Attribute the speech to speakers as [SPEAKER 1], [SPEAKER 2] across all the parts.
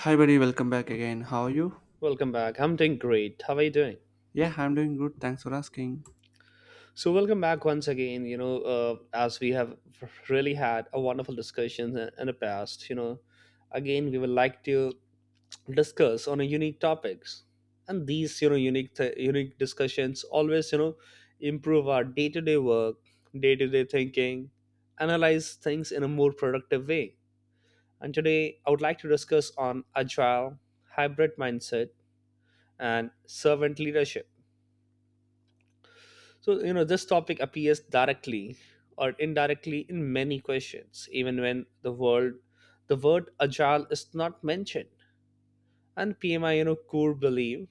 [SPEAKER 1] Hi, buddy. Welcome back again. How are you?
[SPEAKER 2] Welcome back. I'm doing great. How are you doing?
[SPEAKER 1] Yeah, I'm doing good. Thanks for asking.
[SPEAKER 2] So, welcome back once again. As we have really had a wonderful discussion in the past. Again, we would like to discuss on a unique topics, and these unique discussions always improve our day to day work, day to day thinking, analyze things in a more productive way. And today, I would like to discuss on agile, hybrid mindset, and servant leadership. So, this topic appears directly or indirectly in many questions, even when the word agile is not mentioned. And PMI, core belief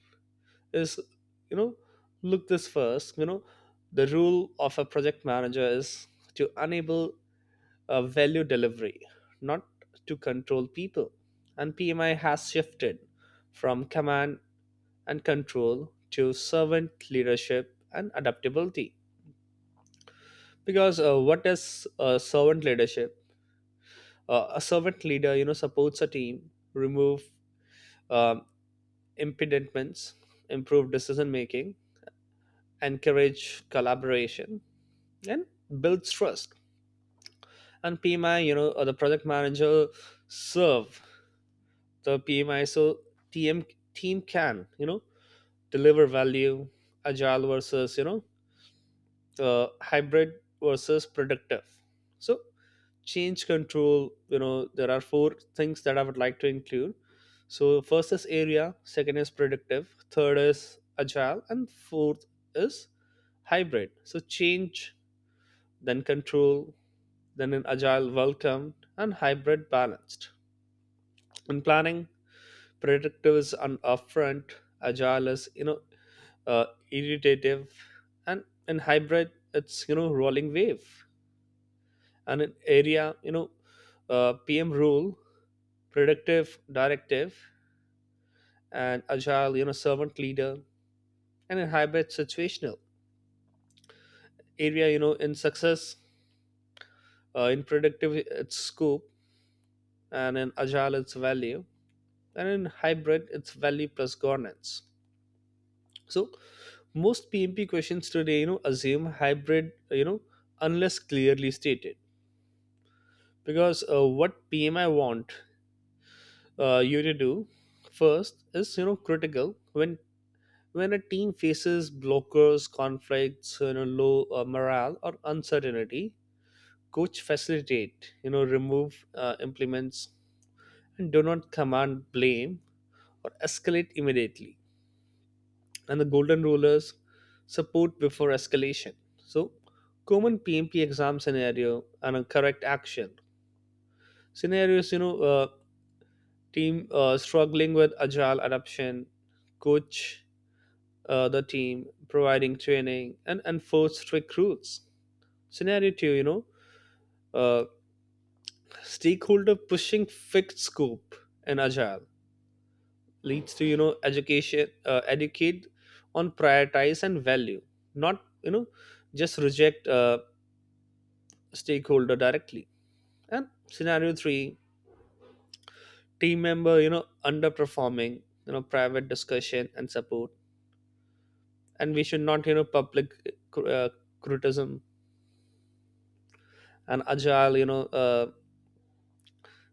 [SPEAKER 2] is, you know, look this first, the role of a project manager is to enable a value delivery, not to control people. And PMI has shifted from command and control to servant leadership and adaptability. Because what is servant leadership? A servant leader supports a team, remove um impediments, improve decision making, encourage collaboration, and builds trust. And PMI, the project manager serve the PMI, so team team can deliver value. Agile versus hybrid versus productive. So change control, there are four things that I would like to include. So first is area, second is predictive, third is agile, and fourth is hybrid. So change, then control, then an agile welcome and hybrid balanced. In planning, predictive is an upfront, agile is uh, iterative, and in hybrid it's rolling wave. And in area, PM rule, productive directive, and agile servant leader, and in hybrid situational. Area, in success, in productive it's scope, and in agile it's value, and in hybrid it's value plus governance. So most PMP questions today assume hybrid, unless clearly stated. Because what PMI want you to do first is, critical when a team faces blockers, conflicts, low morale or uncertainty, coach facilitate, remove implements, and do not command blame or escalate immediately. And the golden rulers support before escalation. So, common PMP exam scenario and a correct action scenarios. Team struggling with agile adoption, coach the team, providing training and enforce strict rules. Scenario two, uh, stakeholder pushing fixed scope, and agile leads to education, educate on prioritize and value, not just reject stakeholder directly. And scenario three, team member underperforming, private discussion and support, and we should not public uh, criticism. And agile,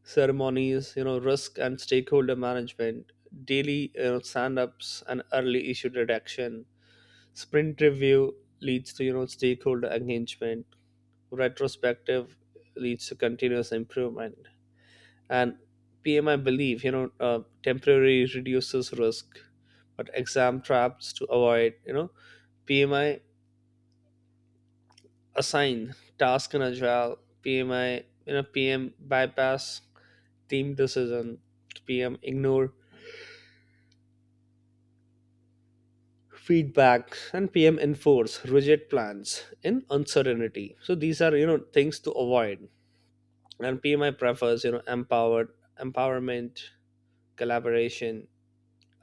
[SPEAKER 2] ceremonies, risk and stakeholder management, daily stand-ups and early issue redaction, sprint review leads to stakeholder engagement, retrospective leads to continuous improvement, and PMI believe temporary reduces risk, but exam traps to avoid. PMI assign task in agile, PMI PM bypass team decision, PM ignore feedbacks, and PM enforce rigid plans in uncertainty. So these are things to avoid. And PMI prefers empowered empowerment, collaboration,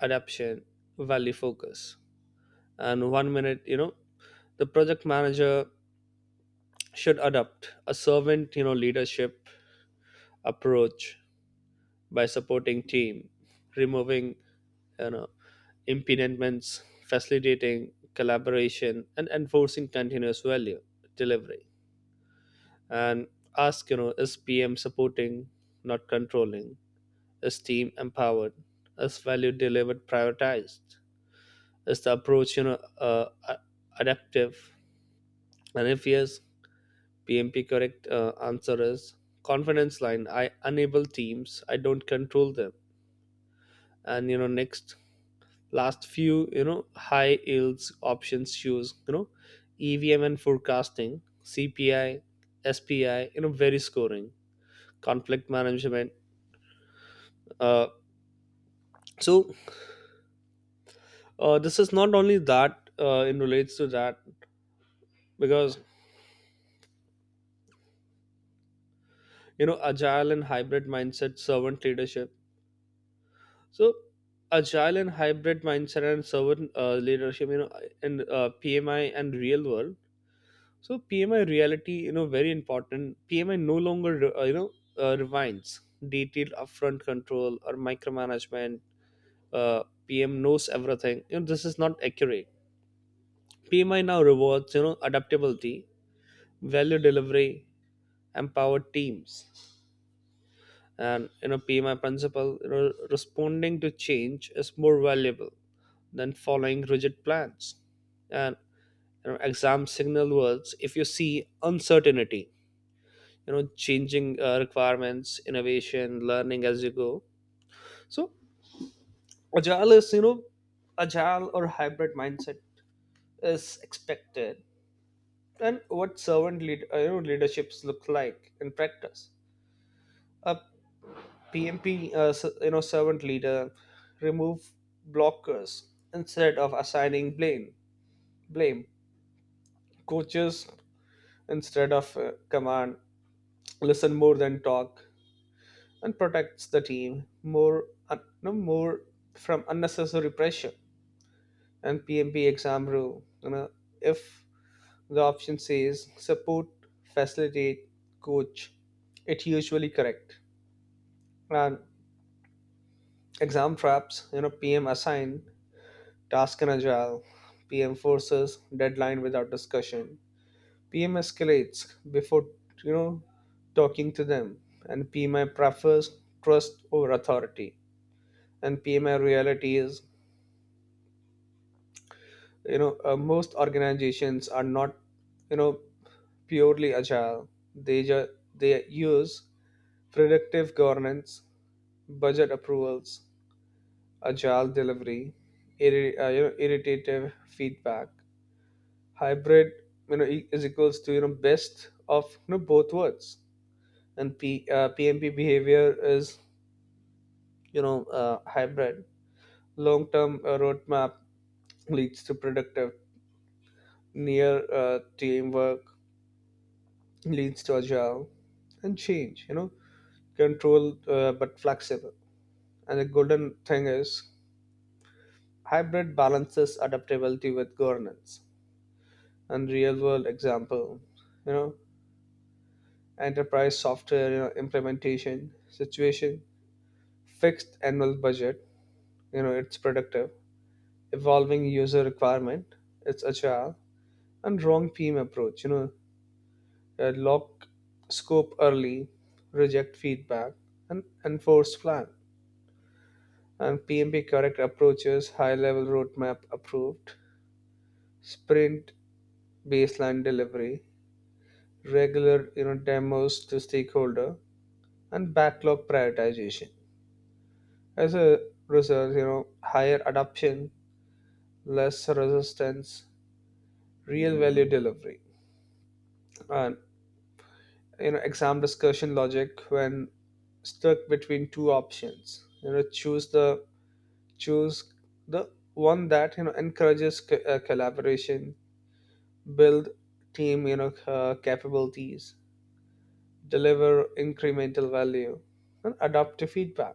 [SPEAKER 2] adaption, value focus. And one minute, the project manager should adopt a servant leadership approach by supporting team, removing you know impediments, facilitating collaboration, and enforcing continuous value delivery. And ask, is PM supporting, not controlling? Is team empowered? Is value delivered prioritized? Is the approach, adaptive? And if yes, PMP correct answer is confidence line. I enable teams. I don't control them. And next last few, high yields options choose, EVM and forecasting, CPI, SPI. Very scoring, conflict management, uh, so this is not only that in relates to that. Because agile and hybrid mindset, servant leadership. So agile and hybrid mindset and servant leadership, in PMI and real world. So PMI reality, very important. PMI no longer refines detailed upfront control or micromanagement. PM knows everything, this is not accurate. PMI now rewards adaptability, value delivery, empowered teams. And PMI principle, responding to change is more valuable than following rigid plans. And exam signal words, if you see uncertainty, changing requirements, innovation, learning as you go. So agile is, agile or hybrid mindset is expected. And what servant leaderships look like in practice? A PMP, servant leader, remove blockers instead of assigning blame. Blame Coaches instead of command. Listen more than talk, and protects the team no more from unnecessary pressure. And PMP exam rule, if the option says support, facilitate, coach, it usually correct. And exam traps, PM assign task and agile. PM forces deadline without discussion. PM escalates before you know talking to them, and PMI prefers trust over authority. And PMI reality is, most organizations are not you know purely agile. They ju- they use predictive governance, budget approvals, agile delivery, irritative feedback, hybrid is equals to best of both worlds. And PMP behavior is, hybrid long term roadmap leads to productive, near teamwork leads to agile, and change controlled but flexible. And the golden thing is hybrid balances adaptability with governance. And real world example, you know enterprise software, implementation situation, fixed annual budget, it's productive, evolving user requirement, it's agile, and wrong team approach, lock scope early, reject feedback, and enforce plan. And PMP correct approaches, high level roadmap approved, sprint baseline delivery, regular demos to stakeholder, and backlog prioritization. As a result, higher adoption, less resistance, real value delivery. And exam discussion logic, when stuck between two options, choose the one that encourages collaboration, build team capabilities, deliver incremental value, and adopt feedback.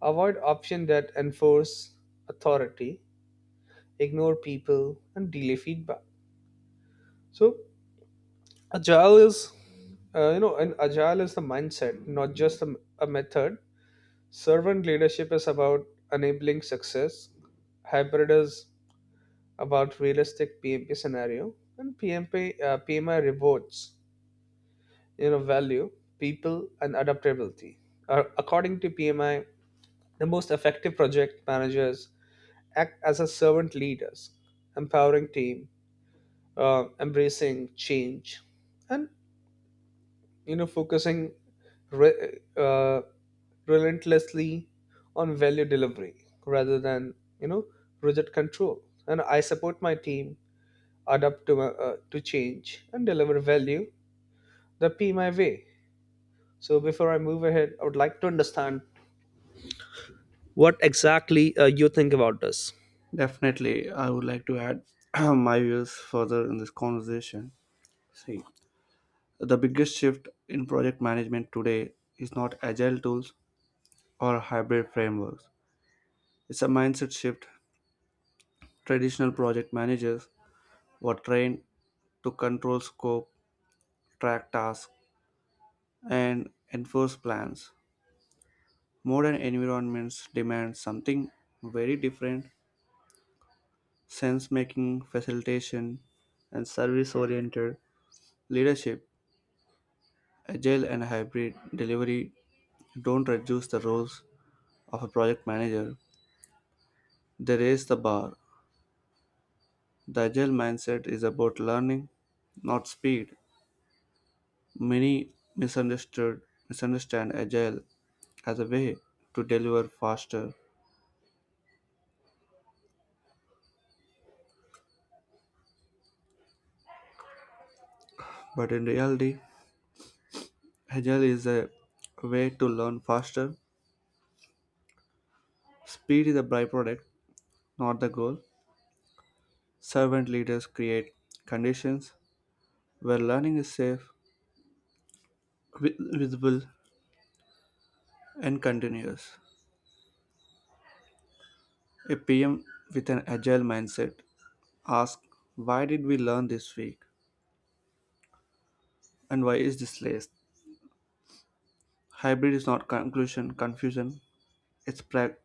[SPEAKER 2] Avoid option that enforce authority, ignore people, and delay feedback. So Agile is, you know, and agile is the mindset, not just a method. Servant leadership is about enabling success. Hybrid is about realistic PMP scenario, and PMP uh, PMI rewards value, people, and adaptability. According to PMI, the most effective project managers act as a servant leaders, empowering team, embracing change, and focusing re- uh, relentlessly on value delivery rather than you know rigid control. And I support my team, adapt to change, and deliver value. That be my way. So before I move ahead, I would like to understand what exactly you think about this.
[SPEAKER 1] Definitely, I would like to add my views further in this conversation. See, the biggest shift in project management today is not agile tools or hybrid frameworks. It's a mindset shift. Traditional project managers were trained to control scope, track tasks, and enforce plans. Modern environments demand something very different: sense making, facilitation, and service oriented leadership. Agile and hybrid delivery don't reduce the roles of a project manager, they raise the bar. The agile mindset is about learning, not speed. Many misunderstood misunderstand agile as a way to deliver faster, but in reality, agile is a way to learn faster. Speed is a byproduct, not the goal. Servant leaders create conditions where learning is safe, visible, and continuous. A PM with an agile mindset asks, "Why did we learn this week? And why is this list?" Hybrid is not conclusion, confusion, it's, pra-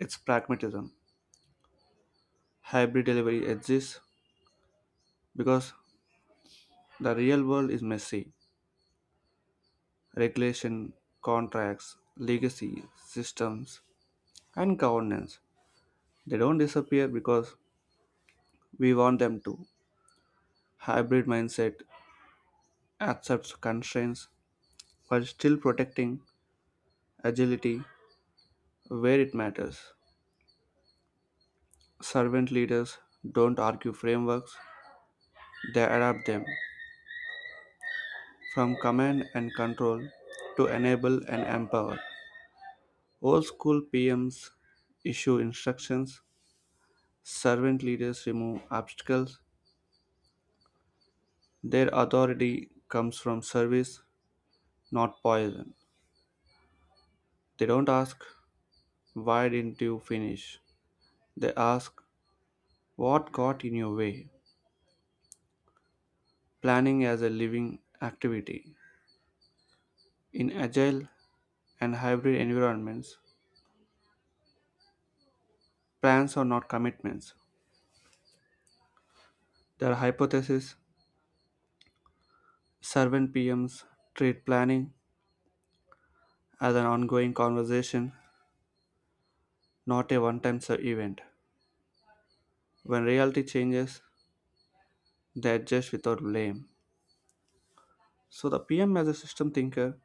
[SPEAKER 1] it's pragmatism. Hybrid delivery exists because the real world is messy. Regulation, contracts, legacy, systems, and governance. They don't disappear because we want them to. Hybrid mindset accepts constraints while still protecting agility where it matters. Servant leaders don't argue frameworks, they adapt them from command and control to enable and empower. Old school PMs issue instructions, servant leaders remove obstacles. Their authority comes from service, not poison. They don't ask, "Why didn't you finish?" They ask, "What got in your way?" Planning as a living activity. In agile and hybrid environments, plans are not commitments. They are hypotheses. Servant PMs treat planning as an ongoing conversation, not a one time event. When reality changes, they adjust without blame. So the PM as a system thinker,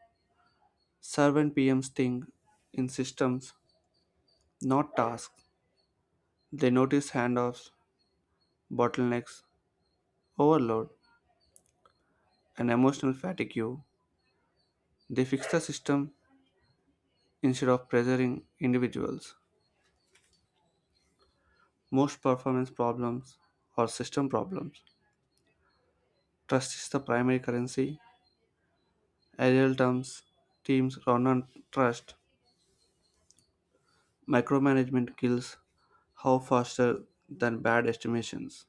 [SPEAKER 1] servant PMs think in systems, not tasks. They notice handoffs, bottlenecks, overload, and emotional fatigue. They fix the system instead of pressuring individuals. Most performance problems are system problems. Trust is the primary currency. Ideal terms, teams run on trust. Micromanagement kills how faster than bad estimations.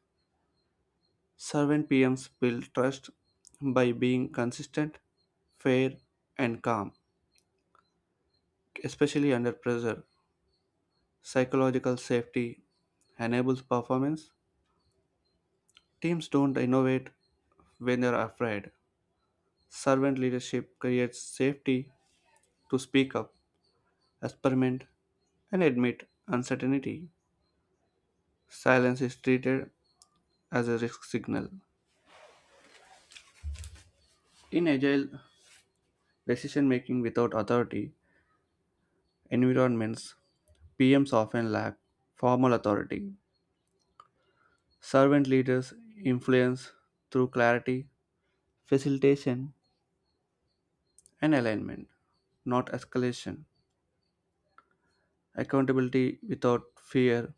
[SPEAKER 1] Servant PMs build trust by being consistent, fair, and calm, especially under pressure. Psychological safety enables performance. Teams don't innovate when they're afraid. Servant leadership creates safety to speak up, experiment, and admit uncertainty. Silence is treated as a risk signal. In agile decision making without authority environments, PMs often lack formal authority. Servant leaders influence through clarity, facilitation, and alignment, not escalation. Accountability without fear.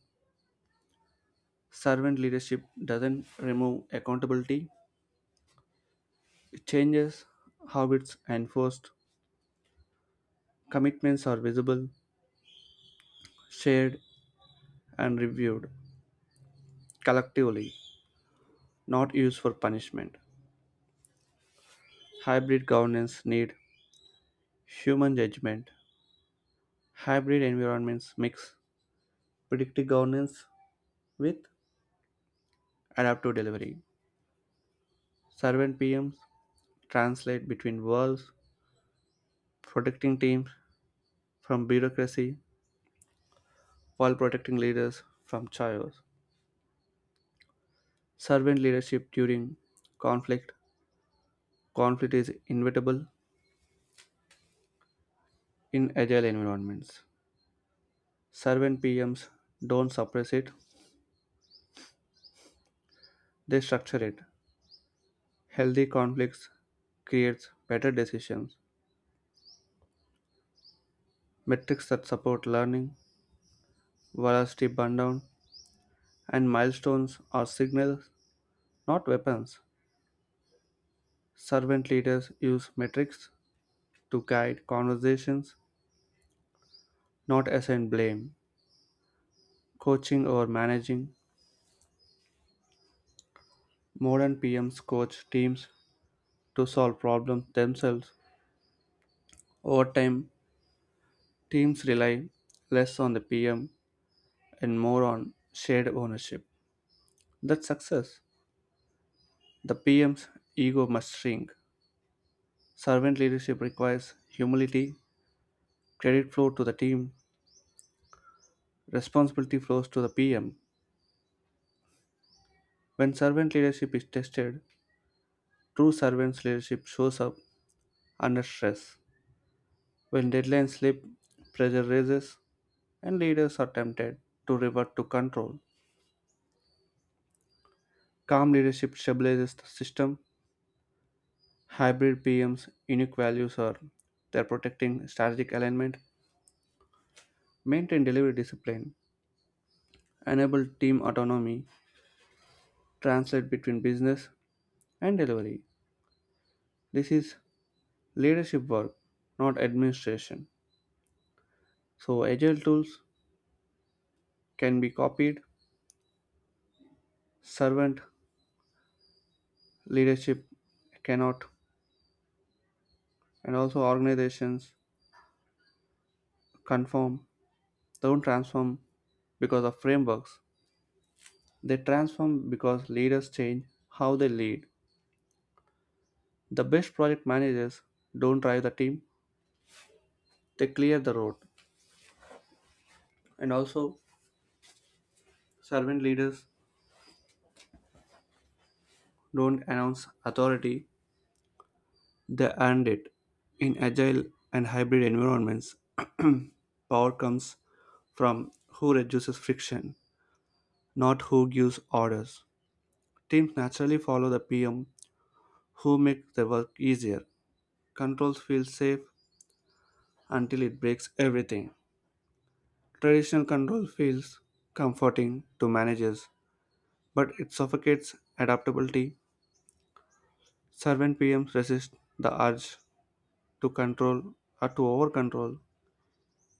[SPEAKER 1] Servant leadership doesn't remove accountability. Changes, habits, and forced commitments are visible, shared, and reviewed collectively, not used for punishment. Hybrid governance need human judgment. Hybrid environments mix predictive governance with adaptive delivery. Servant PMs translate between worlds, protecting teams from bureaucracy while protecting leaders from chaos. Servant leadership during conflict. Conflict is inevitable in agile environments. Servant PMs don't suppress it, they structure it. Healthy conflicts creates better decisions. Metrics that support learning, velocity burndown, and milestones are signals, not weapons. Servant leaders use metrics to guide conversations, not assign blame. Coaching or managing, modern PMs coach teams to solve problems themselves. Over time, teams rely less on the PM and more on shared ownership. That's success. The PM's ego must shrink. Servant leadership requires humility, credit flow to the team, responsibility flows to the PM. When servant leadership is tested, true servant's leadership shows up under stress. When deadlines slip, pressure rises, and leaders are tempted to revert to control. Calm leadership stabilizes the system. Hybrid PM's unique values are they're protecting strategic alignment, maintain delivery discipline, enable team autonomy, translate between business and delivery. This is leadership work, not administration. So, agile tools can be copied, servant leadership cannot, and also organizations conform, don't transform because of frameworks. They transform because leaders change how they lead. The best project managers don't drive the team, they clear the road. And also, servant leaders don't announce authority, they earned it. In agile and hybrid environments, power comes from who reduces friction, not who gives orders. Teams naturally follow the PM who makes the work easier. Controls feel safe until it breaks everything. Traditional control feels comforting to managers, but it suffocates adaptability. Servant PMs resist the urge to control or to over control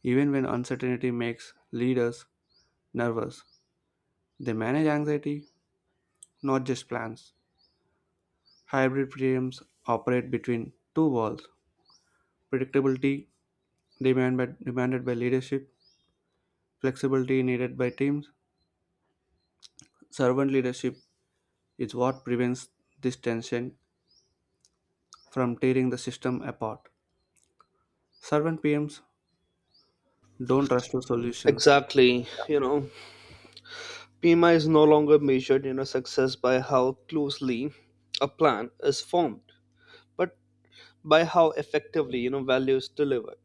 [SPEAKER 1] even when uncertainty makes leaders nervous. They manage anxiety, not just plans. Hybrid teams operate between two worlds: predictability demanded by leadership, flexibility needed by teams. Servant leadership is what prevents this tension from tearing the system apart. Servant PMs don't rush to solutions.
[SPEAKER 2] Exactly. PMI is no longer measured, success by how closely a plan is formed, but by how effectively, value is delivered.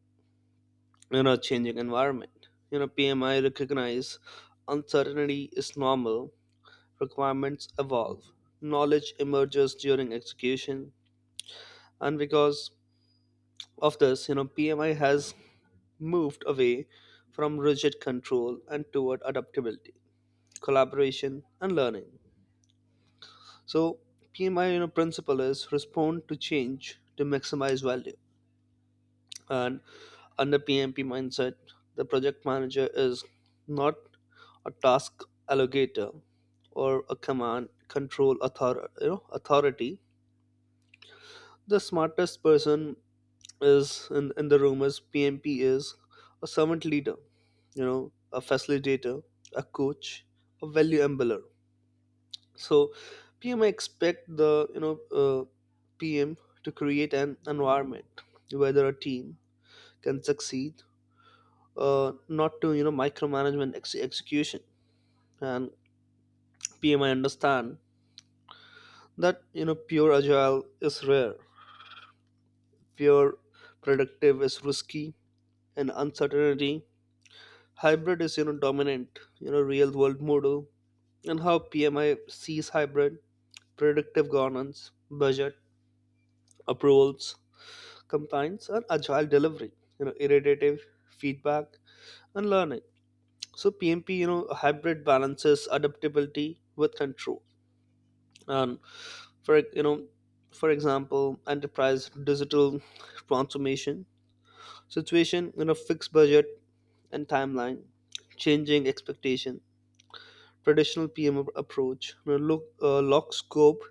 [SPEAKER 2] Changing environment, PMI recognize uncertainty is normal, requirements evolve, knowledge emerges during execution. And because of this, PMI has moved away from rigid control and toward adaptability, collaboration, and learning. So PMI, principle is respond to change to maximize value. And under PMP mindset, the project manager is not a task allocator or a command control authority. The smartest person is in the room is PMP is a servant leader, a facilitator, a coach, a value embeller. So PM expect the PM to create an environment where a team can succeed, not to micromanagement execution. And PMI understand that, pure agile is rare, pure productive is risky, and uncertainty hybrid is dominant, real world model. And how PMI sees hybrid, predictive governance, budget approvals, compliance, and agile delivery, iterative feedback and learning. So PMP, hybrid balances adaptability with control. And for for example, enterprise digital transformation situation, fixed budget and timeline, changing expectation, traditional PM approach, you know, look lock scope,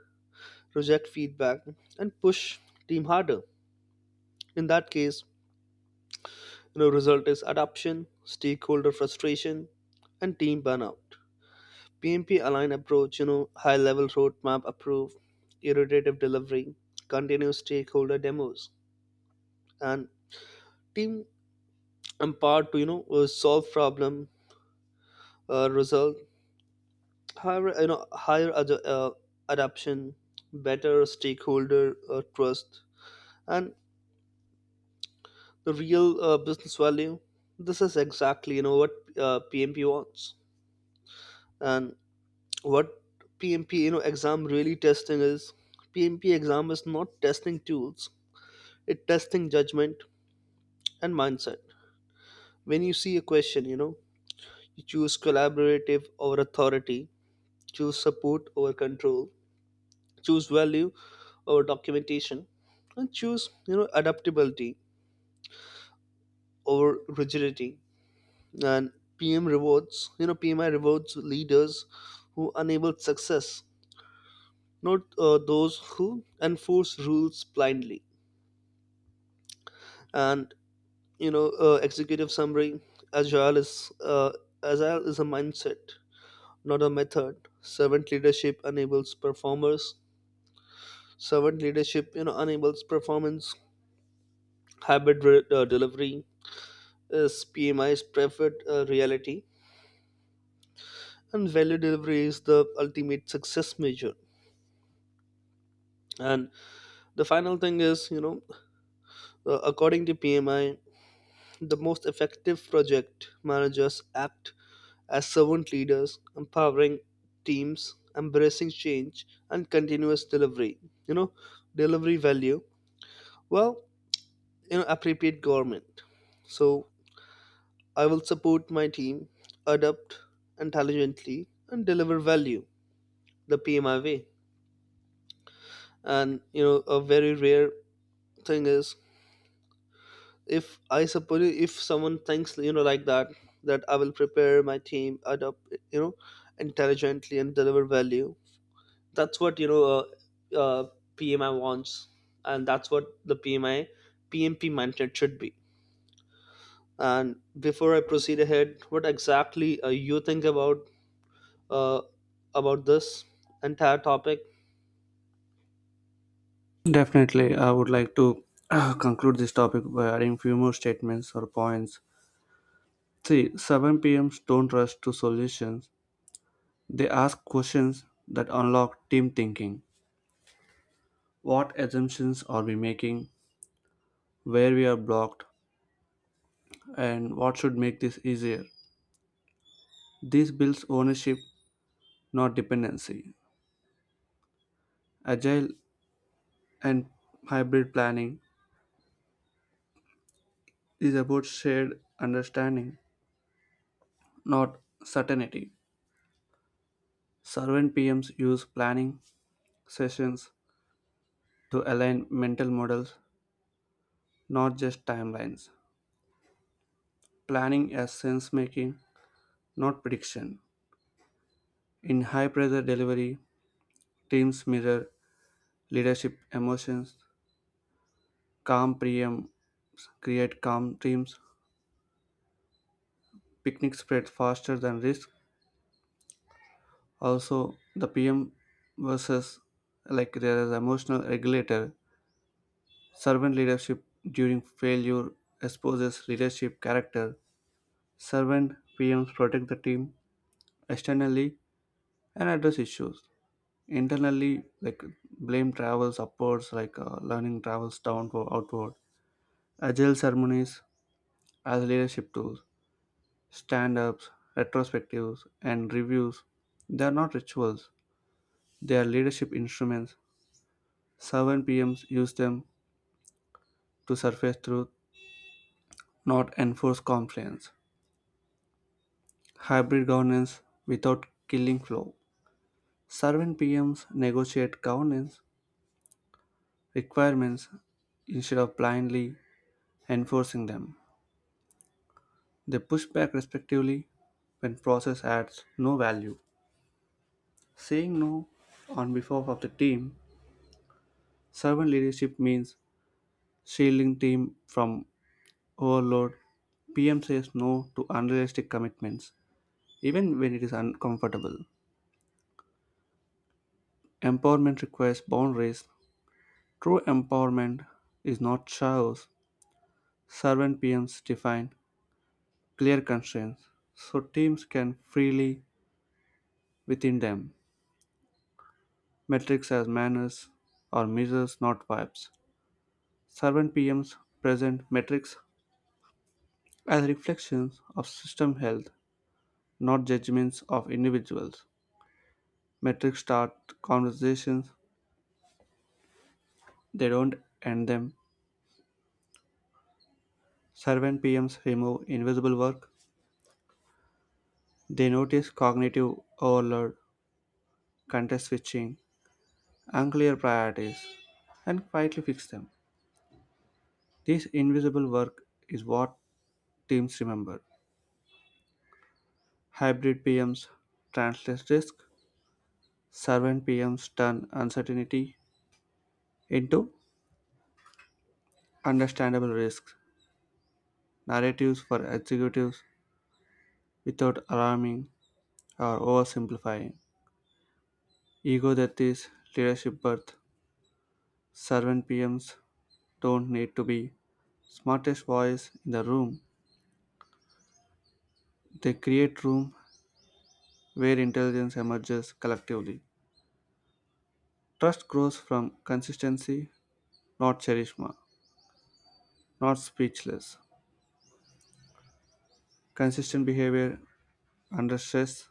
[SPEAKER 2] reject feedback, and push team harder. In that case, result is adoption stakeholder frustration and team burnout. PMP aligned approach, high level roadmap approve, iterative delivery, continuous stakeholder demos, and team empowered to solve problem. Result, higher higher adoption, better stakeholder trust, and the real business value. This is exactly what PMP wants. And what PMP, exam really testing is, PMP exam is not testing tools, it testing judgment and mindset. When you see a question, you choose collaborative over authority, choose support over control, choose value over documentation, and choose adaptability over rigidity. And PM rewards, PMI rewards leaders who enable success, not those who enforce rules blindly. And executive summary, agile is uh, agile is a mindset, not a method. Servant leadership enables performance. Hybrid delivery is PMI is preferred reality, and value delivery is the ultimate success measure. And the final thing is, according to PMI, the most effective project managers act as servant leaders, empowering teams, embracing change, and continuous delivery. You know, delivery value. Well, appropriate government. So I will support my team, adapt intelligently, and deliver value the PMI way. And a very rare thing is, if I suppose if someone thinks like that, that I will prepare my team adopt, you know intelligently, and deliver value, that's what uh, PMI wants, and that's what the pmi PMP mindset should be. And before I proceed ahead, what exactly you think uh, about this entire topic?
[SPEAKER 1] Definitely, I would like to conclude this topic by adding few more statements or points. See, 7 PMs don't rush to solutions. They ask questions that unlock team thinking. What assumptions are we making? Where we are blocked? And what should make this easier? This builds ownership, not dependency. Agile and hybrid planning is about shared understanding, not certainty. Servant PMs use planning sessions to align mental models, not just timelines. Planning as sense making, not prediction. In high pressure delivery, teams mirror leadership emotions. Calm PMs create calm teams. Picnic spread faster than risk. Also, the PM versus like there is emotional regulator. Servant leadership during failure exposes leadership character. Servant PMs protect the team externally and address issues internally, like blame travels upwards, like learning travels downward, outward. Agile ceremonies as leadership tools, stand ups, retrospectives, and reviews. They are not rituals, they are leadership instruments. Servant PMs use them to surface truth, not enforce compliance. Hybrid governance without killing flow. Servant PMs negotiate governance requirements instead of blindly enforcing them. They push back respectively when process adds no value. Saying no on behalf of the team. Servant leadership means shielding team from overload. PM says no to unrealistic commitments, even when it is uncomfortable. Empowerment requires boundaries. True empowerment is not chaos. Servant PMs define clear constraints so teams can freely within them. Metrics as manners or measures, not vibes. Servant PMs present metrics as reflections of system health, not judgments of individuals. Metrics start conversations, they don't end them. Servant PMs remove invisible work, they notice cognitive overload, context switching, unclear priorities, and quietly fix them. This invisible work is what teams remember. Hybrid PMs translate risk, servant PMs turn uncertainty into understandable risks, narratives for executives without alarming or oversimplifying. Ego that is leadership birth. Servant PMs don't need to be smartest voice in the room. They create room where intelligence emerges collectively. Trust grows from consistency, not charisma, not speechless. Consistent behavior under stress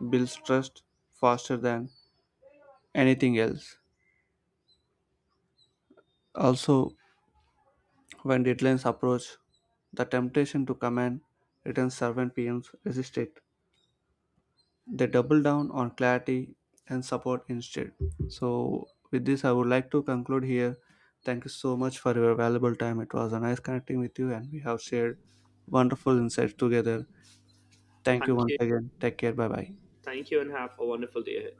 [SPEAKER 1] builds trust faster than anything else. Also, when deadlines approach, the temptation to command return servant PMs resist it. They double down on clarity and support instead. So, with this, I would like to conclude here. Thank you so much for your valuable time. It was a nice connecting with you, and we have shared wonderful insights together. Thank you
[SPEAKER 2] Thank
[SPEAKER 1] once
[SPEAKER 2] you.
[SPEAKER 1] again. Take care. Bye bye.
[SPEAKER 2] Thank you and have a wonderful day ahead.